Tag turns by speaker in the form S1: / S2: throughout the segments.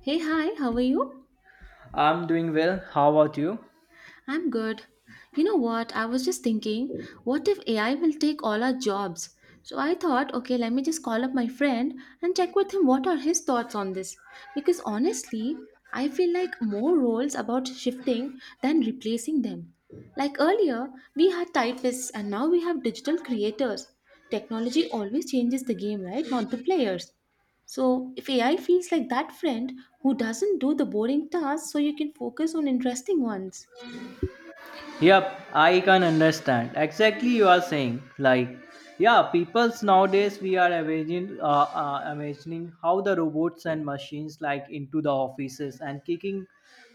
S1: Hey, hi, how are you?
S2: I'm doing well. How about you?
S1: I'm good. You know what? I was just thinking, what if AI will take all our jobs? So I thought, okay, let me just call up my friend and check with him what are his thoughts on this. Because honestly, I feel like more roles about shifting than replacing them. Like earlier, we had typists and now we have digital creators. Technology always changes the game, right? Not the players. So, if AI feels like that friend who doesn't do the boring tasks so you can focus on interesting ones.
S2: Yep, I can understand exactly you are saying. Like, yeah, people's nowadays we are imagining, imagining how the robots and machines like into the offices and kicking,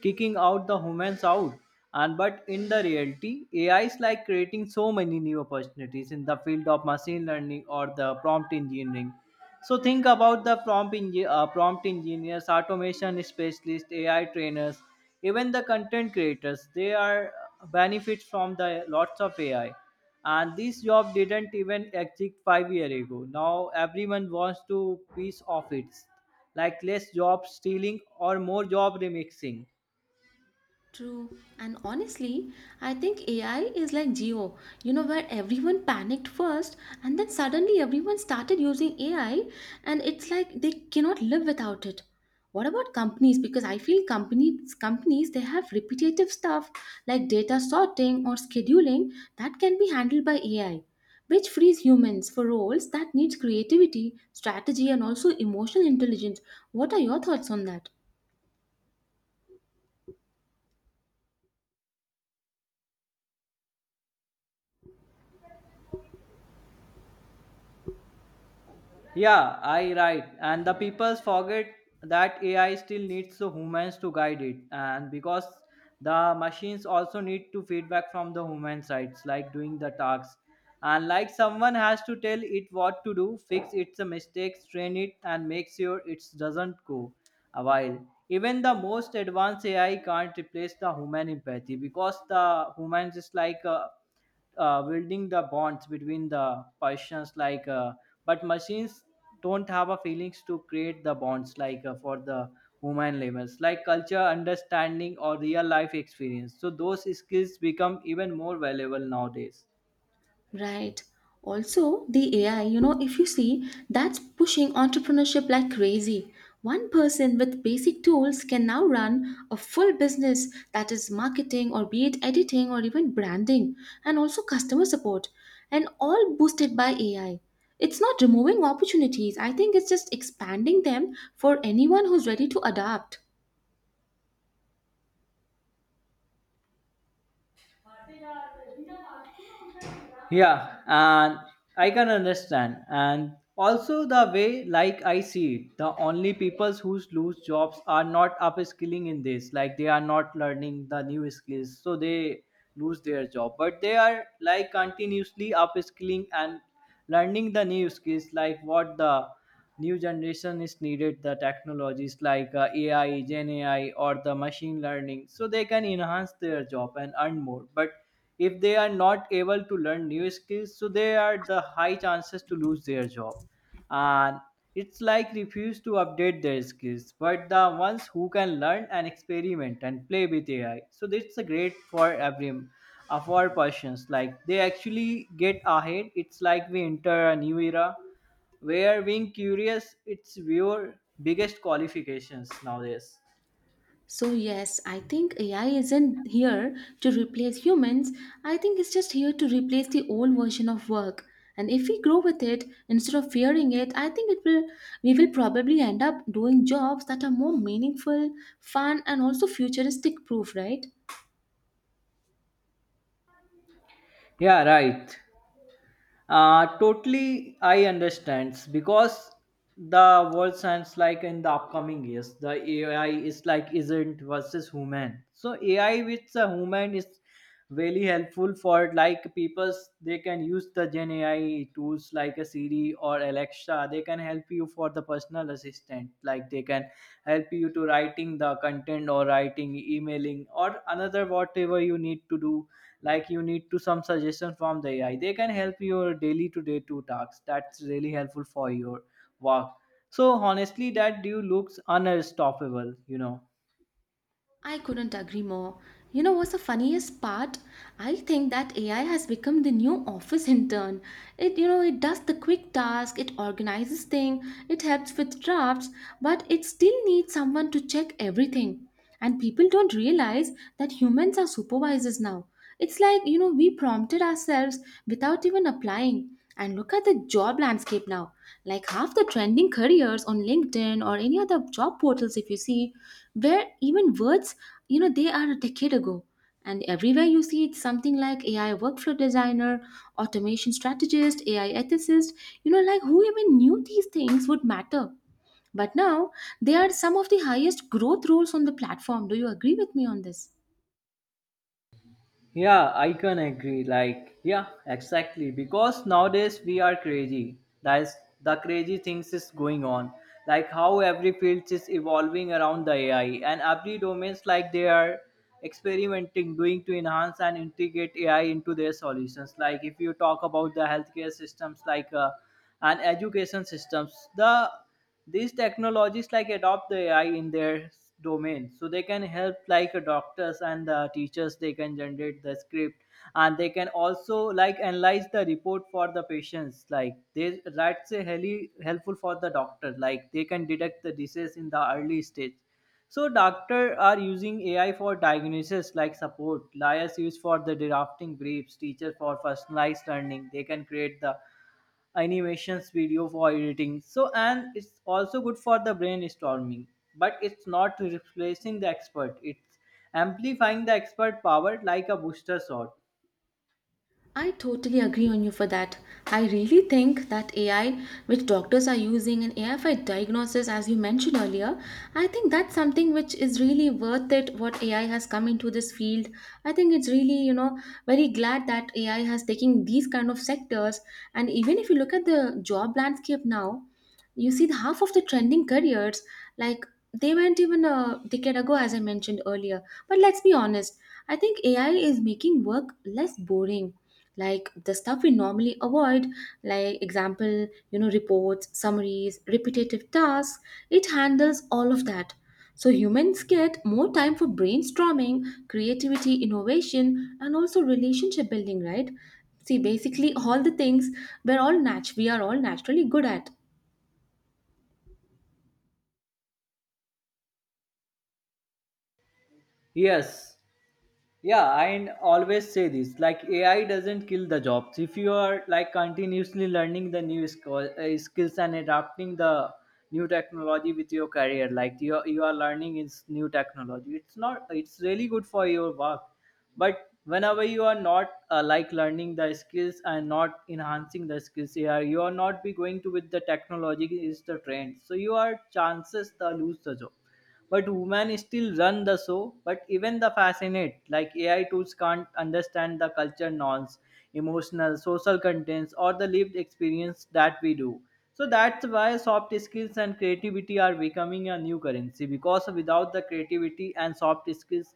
S2: kicking out the humans out. And but in the reality, AI is like creating so many new opportunities in the field of machine learning or the prompt engineering. So think about the prompt engineers, automation specialists, AI trainers, even the content creators. They are benefits from the lots of AI. And this job didn't even exist 5 years ago. Now everyone wants to piece of it, like less job stealing or more job remixing.
S1: True. And honestly, I think AI is like Geo, you know, where everyone panicked first and then suddenly everyone started using AI and it's like they cannot live without it. What about companies? Because I feel companies they have repetitive stuff like data sorting or scheduling that can be handled by AI, which frees humans for roles that needs creativity, strategy and also emotional intelligence. What are your thoughts on that?
S2: Yeah, I right. And the people forget that AI still needs the humans to guide it. And because the machines also need to feedback from the human sides, like doing the tasks. And like someone has to tell it what to do, fix its mistakes, train it, and make sure it doesn't go a while. Even the most advanced AI can't replace the human empathy because the humans is like building the bonds between the persons like but machines don't have a feelings to create the bonds like for the human levels like culture understanding or real life experience, so those skills become even more valuable nowadays.
S1: Right. Also, the AI, you know, if you see, that's pushing entrepreneurship like crazy. One person with basic tools can now run a full business that is marketing or be it editing or even branding and also customer support and all boosted by AI. It's not removing opportunities. I think it's just expanding them for anyone who's ready to adapt.
S2: Yeah, and I can understand. And also the way, like I see it, the only people who lose jobs are not upskilling in this. Like they are not learning the new skills, so they lose their job. But they are like continuously upskilling and learning the new skills, like what the new generation is needed the technologies like ai gen ai or the machine learning, so they can enhance their job and earn more. But if they are not able to learn new skills, so they are the high chances to lose their job, and it's like refuse to update their skills. But the ones who can learn and experiment and play with ai, so that's a great for every for persons like they actually get ahead. It's like we enter a new era where being curious its your biggest qualifications nowadays.
S1: So, yes, I think AI isn't here to replace humans. I think it's just here to replace the old version of work. And if we grow with it instead of fearing it, I think it will we will probably end up doing jobs that are more meaningful, fun, and also futuristic proof, right?
S2: Yeah, right. Totally, I understand because the world science like in the upcoming years, the AI is like isn't versus human. So AI with the human is really helpful for like people. They can use the Gen AI tools like a Siri or Alexa. They can help you for the personal assistant. Like they can help you to writing the content or writing, emailing or another whatever you need to do. Like you need to some suggestion from the ai, they can help your daily to day to tasks. That's really helpful for your work. So honestly, that dude looks unstoppable, you know.
S1: I couldn't agree more. You know what's the funniest part? I think that AI has become the new office intern. It you know it does the quick task, it organizes things, it helps with drafts, but it still needs someone to check everything. And people don't realize that humans are supervisors now. It's like, you know, we prompted ourselves without even applying. And look at the job landscape now. Like half the trending careers on LinkedIn or any other job portals, if you see, where even words, you know, they are a decade ago. And everywhere you see, it's something like AI workflow designer, automation strategist, AI ethicist. You know, like who even knew these things would matter? But now, they are some of the highest growth roles on the platform. Do you agree with me on this?
S2: Yeah, I can agree. Like, yeah, exactly. Because nowadays we are crazy. That's the crazy things is going on. Like how every field is evolving around the AI, and every domains like they are experimenting, doing to enhance and integrate AI into their solutions. Like if you talk about the healthcare systems, like and education systems, the these technologies like adopt the ai in their domain so they can help like doctors and the teachers, they can generate the script, and they can also like analyze the report for the patients. Like they that's a heli helpful for the doctor, like they can detect the disease in the early stage. So doctor are using ai for diagnosis, like support liars used for the drafting briefs, teacher for personalized learning. They can create the animations video for editing so, and it's also good for the brainstorming. But it's not replacing the expert, it's amplifying the expert power like a booster shot.
S1: I totally agree on you for that. I really think that AI, which doctors are using, and AI for diagnosis, as you mentioned earlier, I think that's something which is really worth it. What AI has come into this field, I think it's really you know very glad that AI has taken these kind of sectors. And even if you look at the job landscape now, you see the half of the trending careers like they went even a decade ago, as I mentioned earlier. But let's be honest, I think AI is making work less boring. Like the stuff we normally avoid, like example, you know, reports, summaries, repetitive tasks, it handles all of that. So humans get more time for brainstorming, creativity, innovation, and also relationship building, right? See, basically all the things we are all naturally good at.
S2: Yes, yeah, I always say this like ai doesn't kill the jobs if you are like continuously learning the new skills and adapting the new technology with your career. Like you are learning is new technology. It's not it's really good for your work. But whenever you are not like learning the skills and not enhancing the skills, ai you are not be going to with the technology is the trend, so you are chances to lose the job. But women still run the show, but even the fascinate like ai tools can't understand the culture norms, emotional social contents or the lived experience that we do. So that's why soft skills and creativity are becoming a new currency, because without the creativity and soft skills,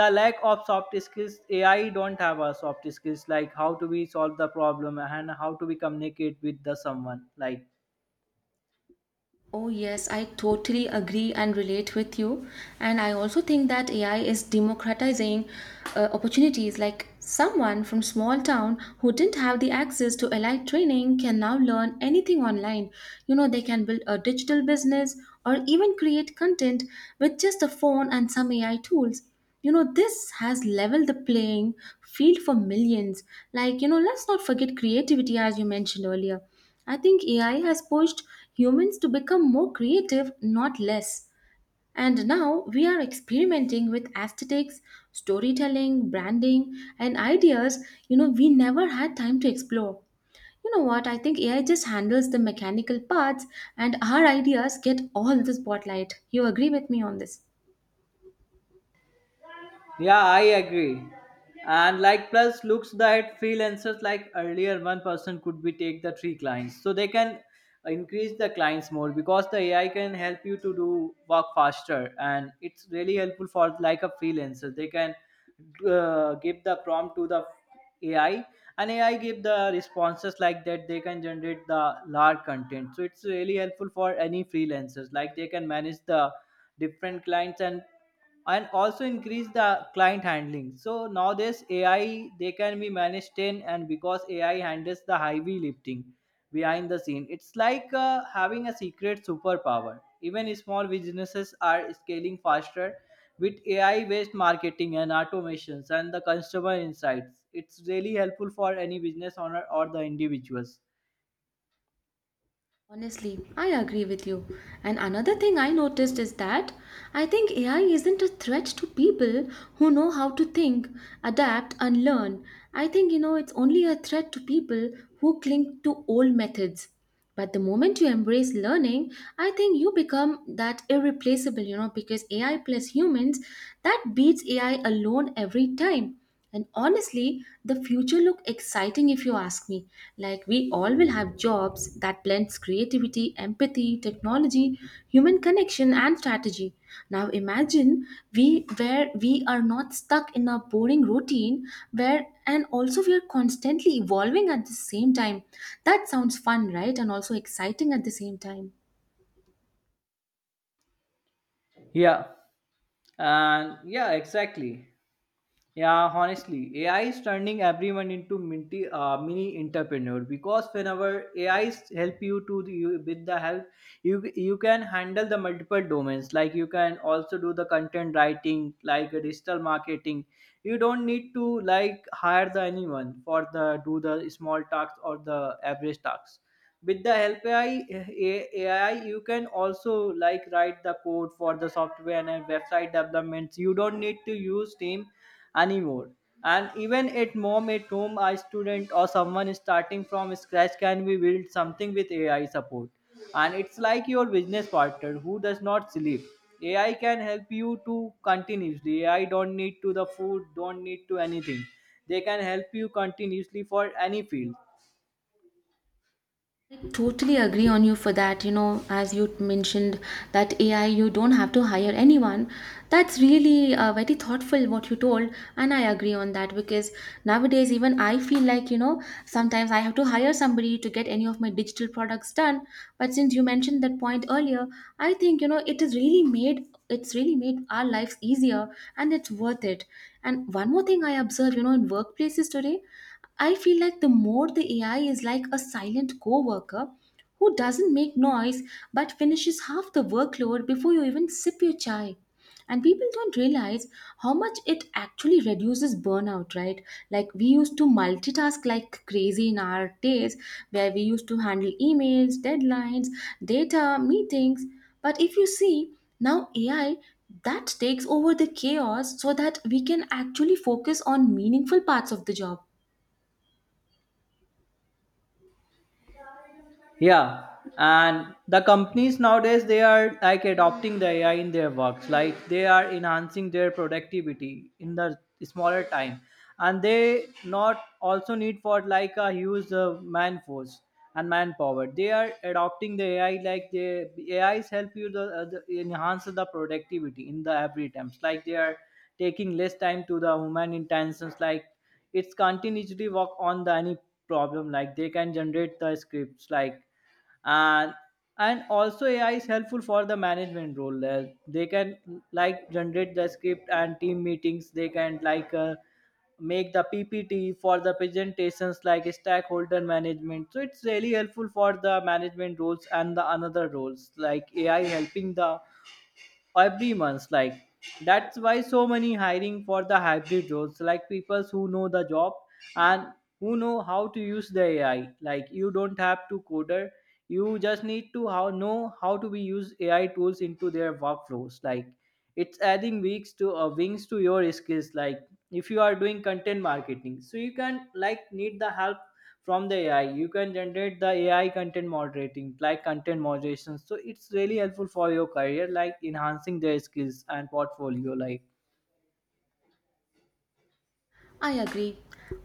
S2: the lack of soft skills, ai don't have a soft skills, like how to be solve the problem and how to be communicate with the someone like.
S1: Oh, yes, I totally agree and relate with you. And I also think that AI is democratizing opportunities. Like someone from small town who didn't have the access to allied training can now learn anything online. You know, they can build a digital business or even create content with just a phone and some AI tools. You know, this has leveled the playing field for millions. Like, you know, let's not forget creativity, as you mentioned earlier, I think AI has pushed humans to become more creative, not less. And now we are experimenting with aesthetics, storytelling, branding, and ideas you know we never had time to explore. You know what? I think AI just handles the mechanical parts, and our ideas get all the spotlight. You agree with me on this?
S2: Yeah, I agree. And like plus looks that freelancers like earlier one person could be take the 3 clients. So they can increase the clients more because the AI can help you to do work faster, and it's really helpful for like a freelancer. They can give the prompt to the AI, and AI give the responses like that they can generate the large content. So it's really helpful for any freelancers, like they can manage the different clients, and also increase the client handling. So nowadays ai they can be managed 10, and because ai handles the heavy lifting behind the scene, it's like having a secret superpower. Even small businesses are scaling faster with ai based marketing and automations and the customer insights. It's really helpful for any business owner or the individuals.
S1: Honestly, I agree with you. And another thing I noticed is that I think AI isn't a threat to people who know how to think, adapt, and learn. I think, you know, it's only a threat to people who cling to old methods. But the moment you embrace learning, I think you become that irreplaceable, you know, because AI plus humans, that beats AI alone every time. And honestly, the future look exciting if you ask me. Like we all will have jobs that blends creativity, empathy, technology, human connection and strategy. Now imagine we are not stuck in a boring routine where and also we are constantly evolving at the same time. That sounds fun, right? And also exciting at the same time.
S2: Yeah, and yeah, exactly. Yeah, honestly, AI is turning everyone into mini entrepreneur because whenever AI is help you to with the help, you can handle the multiple domains. Like you can also do the content writing, like a digital marketing. You don't need to like hire the anyone for the do the small tasks or the average tasks with the help AI, you can also like write the code for the software and website developments. You don't need to use Team anymore. And even at mom at home, a student or someone starting from scratch can be build something with AI support. And it's like your business partner who does not sleep. AI can help you to continuously. AI don't need to the food, don't need to anything. They can help you continuously for any field.
S1: Totally agree on you for that. You know, as you mentioned that AI you don't have to hire anyone, that's really very thoughtful what you told. And I agree on that, because nowadays even I feel like, you know, sometimes I have to hire somebody to get any of my digital products done. But since you mentioned that point earlier, I think, you know, it's really made our lives easier and it's worth it. And one more thing I observe, you know, in workplaces today, I feel like the more the AI is like a silent coworker who doesn't make noise but finishes half the workload before you even sip your chai. And people don't realize how much it actually reduces burnout, right? Like we used to multitask like crazy in our days where we used to handle emails, deadlines, data, meetings. But if you see, now AI that takes over the chaos so that we can actually focus on meaningful parts of the job.
S2: Yeah, and the companies nowadays they are like adopting the AI in their works, like they are enhancing their productivity in the smaller time, and they not also need for like a huge man force and manpower. They are adopting the AI like the AIs help you the enhance the productivity in the every times. Like they are taking less time to the human intentions. Like it's continuously work on the any problem. Like they can generate the scripts like, and and also ai is helpful for the management role. They can like generate the script and team meetings. They can like make the ppt for the presentations, like stakeholder management. So it's really helpful for the management roles and the another roles like ai helping the every month. Like that's why so many hiring for the hybrid roles, like people who know the job, and who know how to use the ai. Like you don't have to coder, you just need to how know how to be use ai tools into their workflows. Like it's adding weeks to wings to your skills. Like if you are doing content marketing, so you can like need the help from the AI. You can generate the AI content moderating, like content moderation. So it's really helpful for your career, like enhancing their skills and portfolio. Like,
S1: I agree.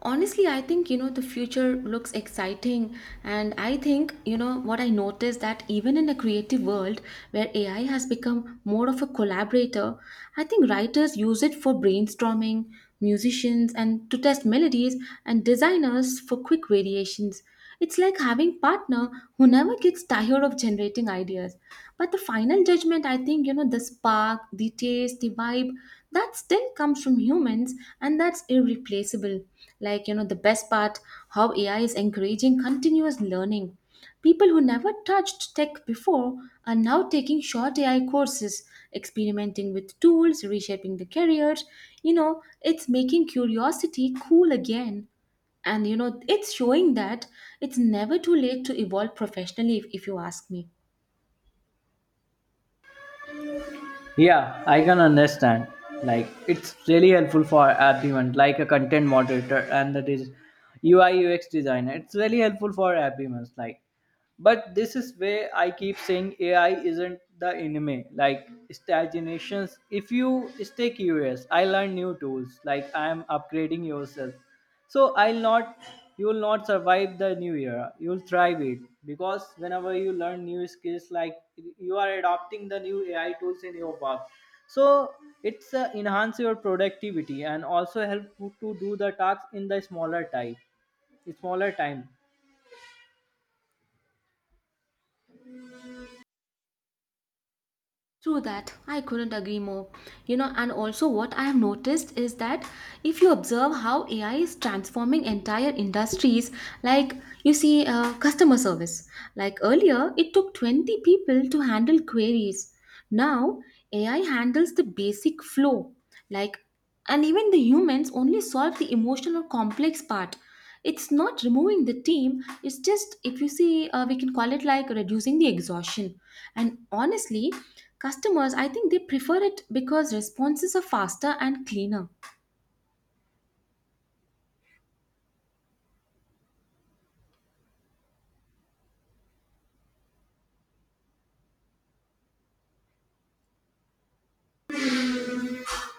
S1: Honestly, I think you know the future looks exciting, and I think you know what I noticed that even in a creative world where AI has become more of a collaborator, I think writers use it for brainstorming, musicians and to test melodies, and designers for quick variations. It's like having partner who never gets tired of generating ideas. But the final judgment, I think, you know, the spark, the taste, the vibe, that still comes from humans and that's irreplaceable. Like, you know, the best part, how AI is encouraging continuous learning. People who never touched tech before are now taking short AI courses, experimenting with tools, reshaping the careers. You know, it's making curiosity cool again and you know it's showing that it's never too late to evolve professionally if you ask me.
S2: yeah, I can understand. Like, it's really helpful for everyone, like a content moderator and that is UI UX designer. It's really helpful for everyone. Like, but this is where I keep saying AI isn't the enemy. Like stagnations, if you stay curious, I learn new tools. Like I am upgrading yourself. So I'll not, you will not survive the new era. You'll thrive it because whenever you learn new skills, like you are adopting the new AI tools in your work. So it's enhance your productivity and also help you to do the tasks in the smaller time, smaller time.
S1: True that. I couldn't agree more. You know, and also what I have noticed is that if you observe how AI is transforming entire industries, like you see customer service, like earlier it took 20 people to handle queries. Now AI handles the basic flow, like. And even the humans only solve the emotional or complex part. It's not removing the team, it's just, if you see, we can call it like reducing the exhaustion. And honestly, customers, I think they prefer it because responses are faster and cleaner.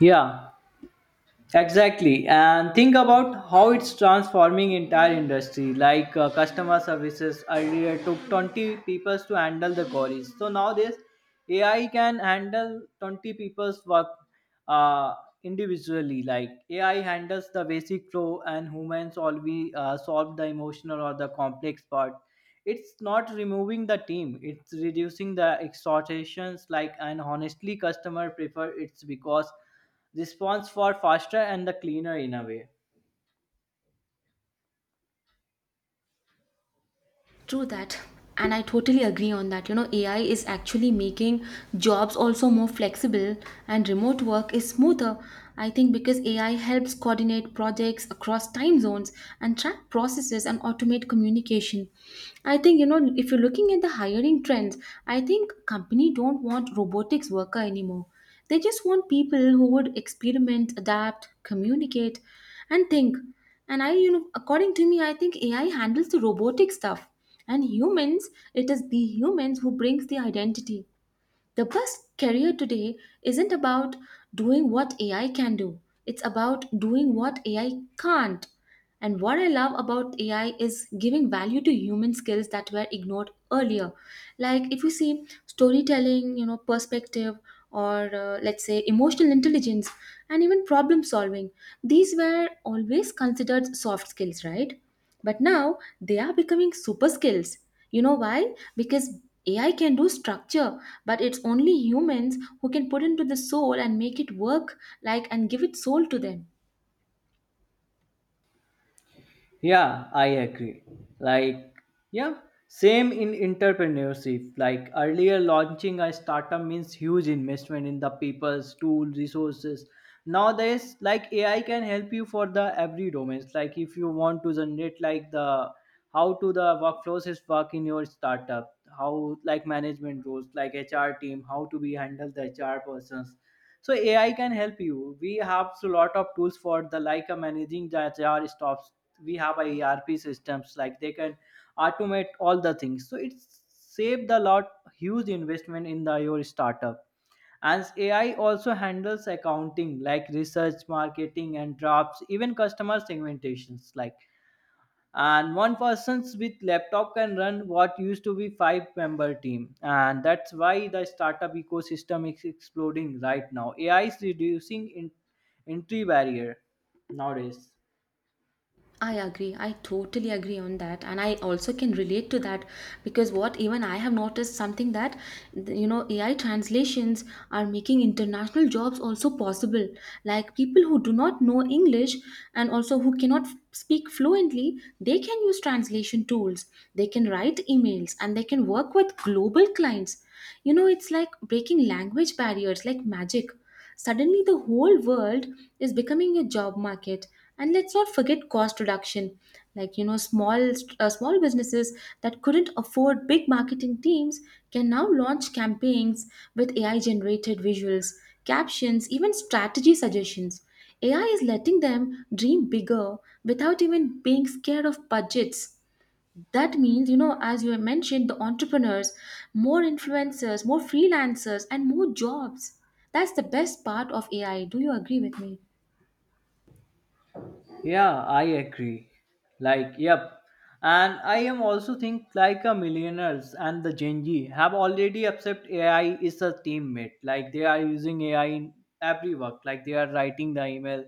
S2: Yeah, exactly, and think about how it's transforming entire industry. Like customer services earlier took 20 people to handle the queries. So nowadays, AI can handle 20 people's work uh, individually. Like AI handles the basic flow, and humans always solve the emotional or the complex part. It's not removing the team; it's reducing the exhortations. Like and honestly, customer prefer it's because response for faster and the cleaner in a way.
S1: True that. And I totally agree on that. You know, AI is actually making jobs also more flexible and remote work is smoother. I think because AI helps coordinate projects across time zones and track processes and automate communication. I think, you know, if you're looking at the hiring trends, I think company don't want robotics worker anymore, they just want people who would experiment, adapt, communicate, and think. And I, you know, according to me, I think AI handles the robotic stuff. And humans, it is the humans who brings the identity. The best career today isn't about doing what AI can do, it's about doing what AI can't. And what I love about AI is giving value to human skills that were ignored earlier. Like if you see storytelling, you know, perspective, or let's say emotional intelligence, and even problem solving, these were always considered soft skills, right? But now they are becoming super skills. You know why? Because AI can do structure, but it's only humans who can put into the soul and make it work like and give it soul to them.
S2: Yeah, I agree. Like, yeah, same in entrepreneurship. Like earlier, launching a startup means huge investment in the people's tools, resources. Nowadays, like AI can help you for the every domains. Like if you want to generate like the how to the workflows is work in your startup, how like management roles, like HR team, how to be handle the HR persons. So AI can help you. We have a lot of tools for the like managing the HR stuff. We have a ERP systems like they can automate all the things, so it's saved a lot huge investment in the your startup. And AI also handles accounting like research, marketing, and drops even customer segmentations like. And one person's with laptop can run what used to be five-member team, and that's why the startup ecosystem is exploding right now. AI is reducing in entry barrier nowadays.
S1: I agree. I totally agree on that. And I also can relate to that because what even I have noticed something that, you know, AI translations are making international jobs also possible. Like people who do not know English and also who cannot speak fluently, they can use translation tools. They can write emails and they can work with global clients. You know, it's like breaking language barriers like magic. Suddenly, the whole world is becoming a job market. And let's not forget cost reduction. Like, you know, small businesses that couldn't afford big marketing teams can now launch campaigns with AI generated visuals, captions, even strategy suggestions. AI is letting them dream bigger without even being scared of budgets. That means, you know, as you have mentioned, the entrepreneurs, more influencers, more freelancers, and more jobs. That's the best part of AI. Do you agree with me?
S2: Yeah, I agree. Like, yep. And I am also think like a millionaires and the Gen Z have already accept AI is a teammate. Like they are using AI in every work. Like they are writing the email,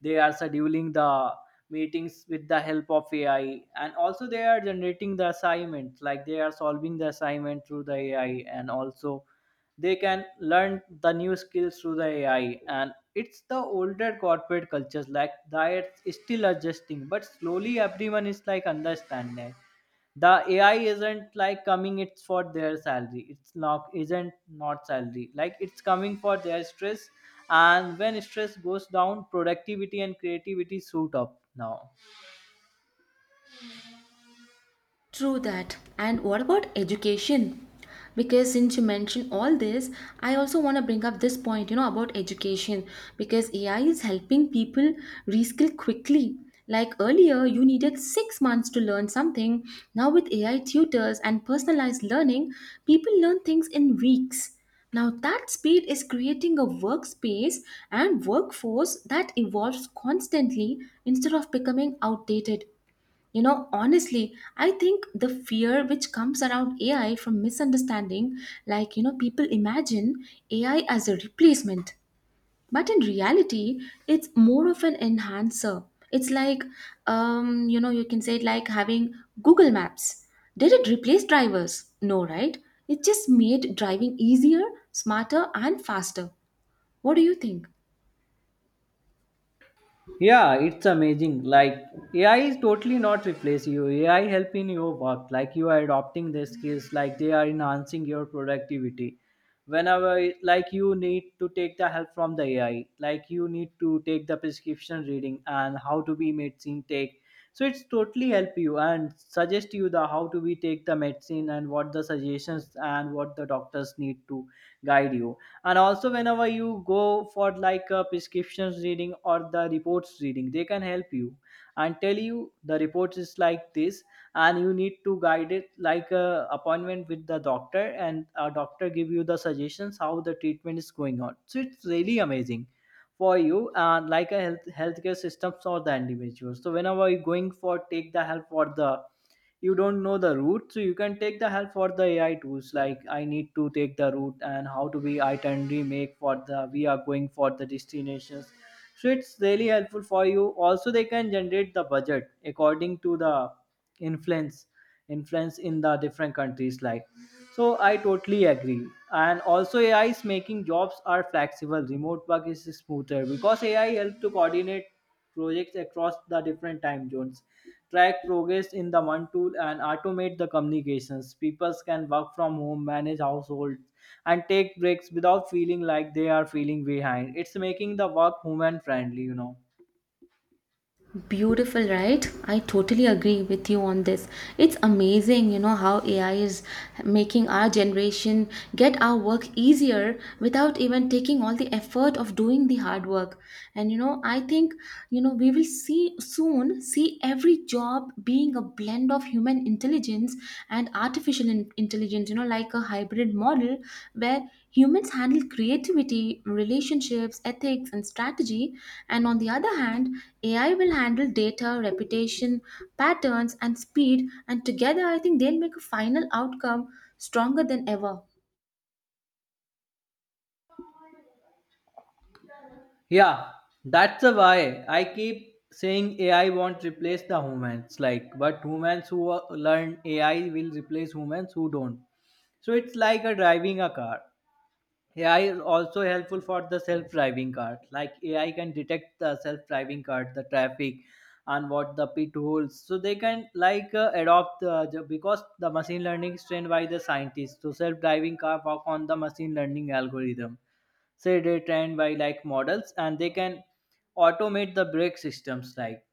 S2: they are scheduling the meetings with the help of AI, and also they are generating the assignments. Like they are solving the assignment through the AI, and also they can learn the new skills through the AI. And it's the older corporate cultures like that is still adjusting, but slowly everyone is like understanding. The AI isn't like coming it's for their salary. It's not isn't not salary. Like it's coming for their stress, and when stress goes down, productivity and creativity suit up now.
S1: True that. And what about education? Because since you mentioned all this, I also want to bring up this point, you know, about education. Because AI is helping people reskill quickly. Like earlier, you needed 6 months to learn something. Now, with AI tutors and personalized learning, people learn things in weeks. Now, that speed is creating a workspace and workforce that evolves constantly instead of becoming outdated. You know, honestly, I think the fear which comes around AI from misunderstanding, like, you know, people imagine AI as a replacement. But in reality, it's more of an enhancer. It's like, you know, you can say it like having Google Maps. Did it replace drivers? No, right? It just made driving easier, smarter, and faster. What do you think?
S2: Yeah, it's amazing. Like AI is totally not replace you. AI help in your work. Like you are adopting their skills. Like they are enhancing your productivity. Whenever like you need to take the help from the AI. Like you need to take the prescription reading and how to be medicine take. So it's totally help you and suggest you the how to be take the medicine and what the suggestions and what the doctors need to guide you. And also whenever you go for like a prescriptions reading or the reports reading, they can help you and tell you the report is like this. And you need to guide it like a appointment with the doctor, and a doctor give you the suggestions how the treatment is going on. So it's really amazing for you and like a healthcare systems or the individuals. So whenever you're going for take the help for the, you don't know the route, so you can take the help for the AI tools. Like I need to take the route and how to be itinerary make for the we are going for the destinations. So it's really helpful for you. Also they can generate the budget according to the influence influence in the different countries like. So I totally agree. And also AI is making jobs are flexible, remote work is smoother because AI helps to coordinate projects across the different time zones, track progress in the one tool, and automate the communications. People can work from home, manage households, and take breaks without feeling like they are feeling behind. It's making the work human friendly, you know.
S1: Beautiful, right? I totally agree with you on this. It's amazing, you know, how AI is making our generation get our work easier without even taking all the effort of doing the hard work. And, you know, I think, you know, we will see soon see every job being a blend of human intelligence and intelligence, you know, like a hybrid model where humans handle creativity, relationships, ethics, and strategy, and on the other hand, AI will handle data, reputation, patterns, and speed, and together I think they'll make a final outcome stronger than ever.
S2: Yeah, that's the why I keep saying AI won't replace the humans, like, but humans who learn AI will replace humans who don't. So it's like a driving a car. AI is also helpful for the self-driving car. Like AI can detect the self-driving car, the traffic, and what the pit holes. So they can like adopt because the machine learning is trained by the scientists. So self-driving car work on the machine learning algorithm say they trained by like models, and they can automate the brake systems like.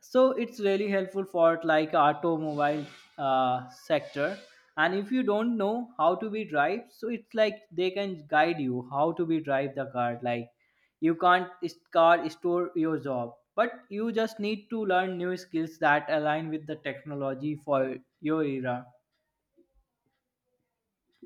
S2: So it's really helpful for like automobile sector. And if you don't know how to be drive, so it's like they can guide you how to be drive the car like. You can't car store your job, but you just need to learn new skills that align with the technology for your era.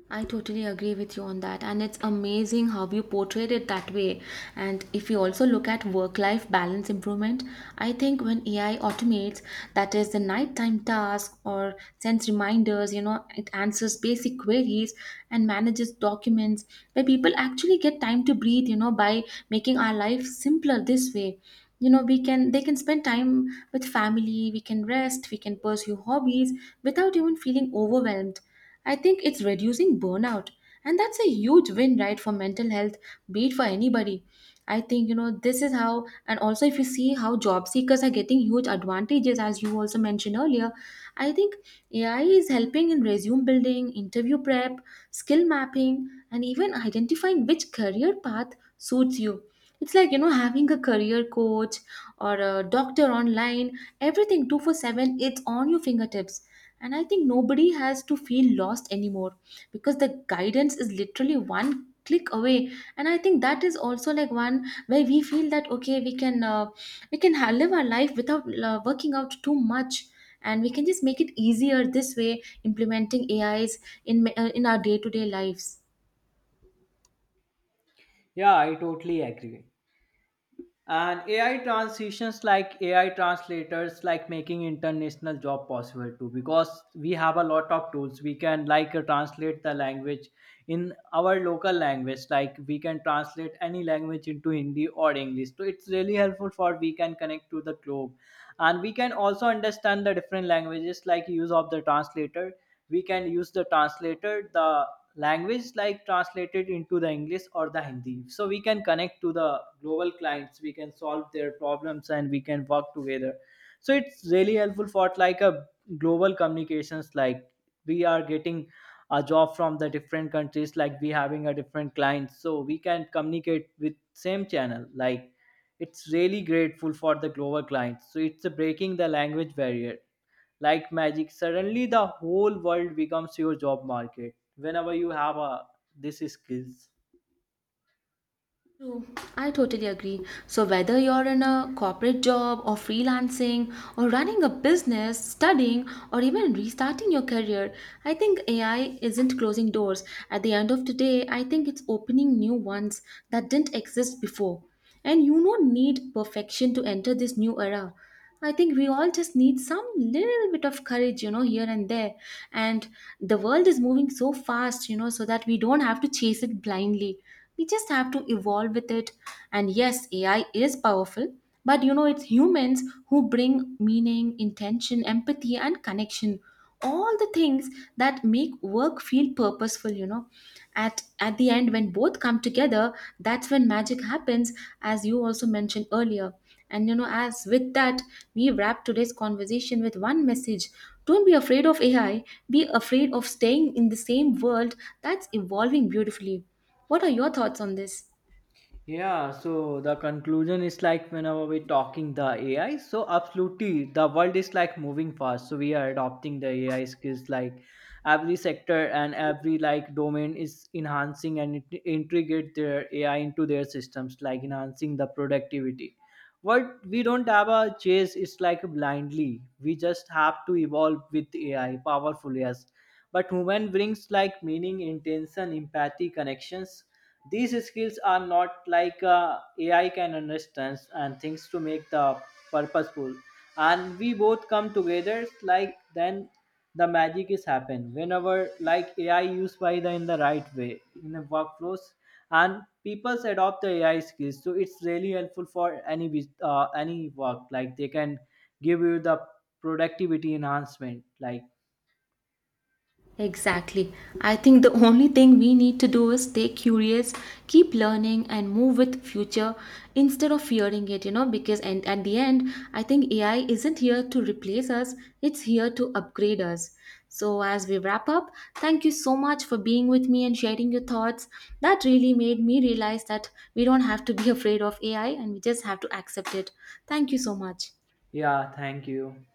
S1: I totally agree with you on that, and it's amazing how you portrayed it that way. And if you also look at work life balance improvement, I think when AI automates, that is the nighttime task, or sends reminders, you know, it answers basic queries and manages documents, where people actually get time to breathe, you know. By making our life simpler this way, you know, we can, they can spend time with family, we can rest, we can pursue hobbies without even feeling overwhelmed. I think it's reducing burnout, and that's a huge win, right, for mental health, be it for anybody. I think, you know, this is how, and also if you see how job seekers are getting huge advantages, as you also mentioned earlier, I think AI is helping in resume building, interview prep, skill mapping, and even identifying which career path suits you. It's like, you know, having a career coach or a doctor online, everything 24/7. It's on your fingertips, and I think nobody has to feel lost anymore because the guidance is literally one click away. And I think that is also like one where we feel that, okay, we can we live our life without working out too much, and we can just make it easier this way, implementing AIs in in our day to day lives.
S2: Yeah, I totally agree. And AI transitions like AI translators, like making international job possible too, because we have a lot of tools. We can like translate the language in our local language, like we can translate any language into Hindi or English. So it's really helpful for we can connect to the globe, and we can also understand the different languages, like use of the translator. We can use the translator. The language like translated into the English or the Hindi, so we can connect to the global clients, we can solve their problems, and we can work together. So it's really helpful for like a global communications like. We are getting a job from the different countries, like we having a different client, so we can communicate with same channel like. It's really grateful for the global clients. So it's a breaking the language barrier like magic. Suddenly the whole world becomes your job market whenever you have a this skills.
S1: True, I totally agree. So, whether you're in a corporate job or freelancing or running a business, studying, or even restarting your career, I think AI isn't closing doors. At the end of the day, I think it's opening new ones that didn't exist before. And you don't need perfection to enter this new era. I think we all just need some little bit of courage, you know, here and there. And the world is moving so fast, you know, so that we don't have to chase it blindly. We just have to evolve with it. And yes, AI is powerful, but you know, it's humans who bring meaning, intention, empathy, and connection. All the things that make work feel purposeful, you know. At the end, when both come together, that's when magic happens, as you also mentioned earlier. And you know, as with that, we wrap today's conversation with one message. Don't be afraid of AI, be afraid of staying in the same world that's evolving beautifully. What are your thoughts on this?
S2: Yeah, so the conclusion is like whenever we're talking the AI, so absolutely the world is like moving fast. So we are adopting the AI skills like every sector and every like domain is enhancing, and it integrate their AI into their systems, like enhancing the productivity. What we don't have a chase is like blindly. We just have to evolve with AI, powerful yes. But human brings like meaning, intention, empathy, connections these skills are not like AI can understand and things to make the purposeful. And we both come together like then the magic is happen whenever like AI used by the in the right way in the workflows. And people adopt the AI skills, so it's really helpful for any any work. Like they can give you the productivity enhancement like.
S1: Exactly. I think the only thing we need to do is stay curious, keep learning, and move with future instead of fearing it, you know, because and at the end, I think AI isn't here to replace us, it's here to upgrade us. So as we wrap up, thank you so much for being with me and sharing your thoughts. That really made me realize that we don't have to be afraid of AI, and we just have to accept it. Thank you so much.
S2: Yeah, thank you.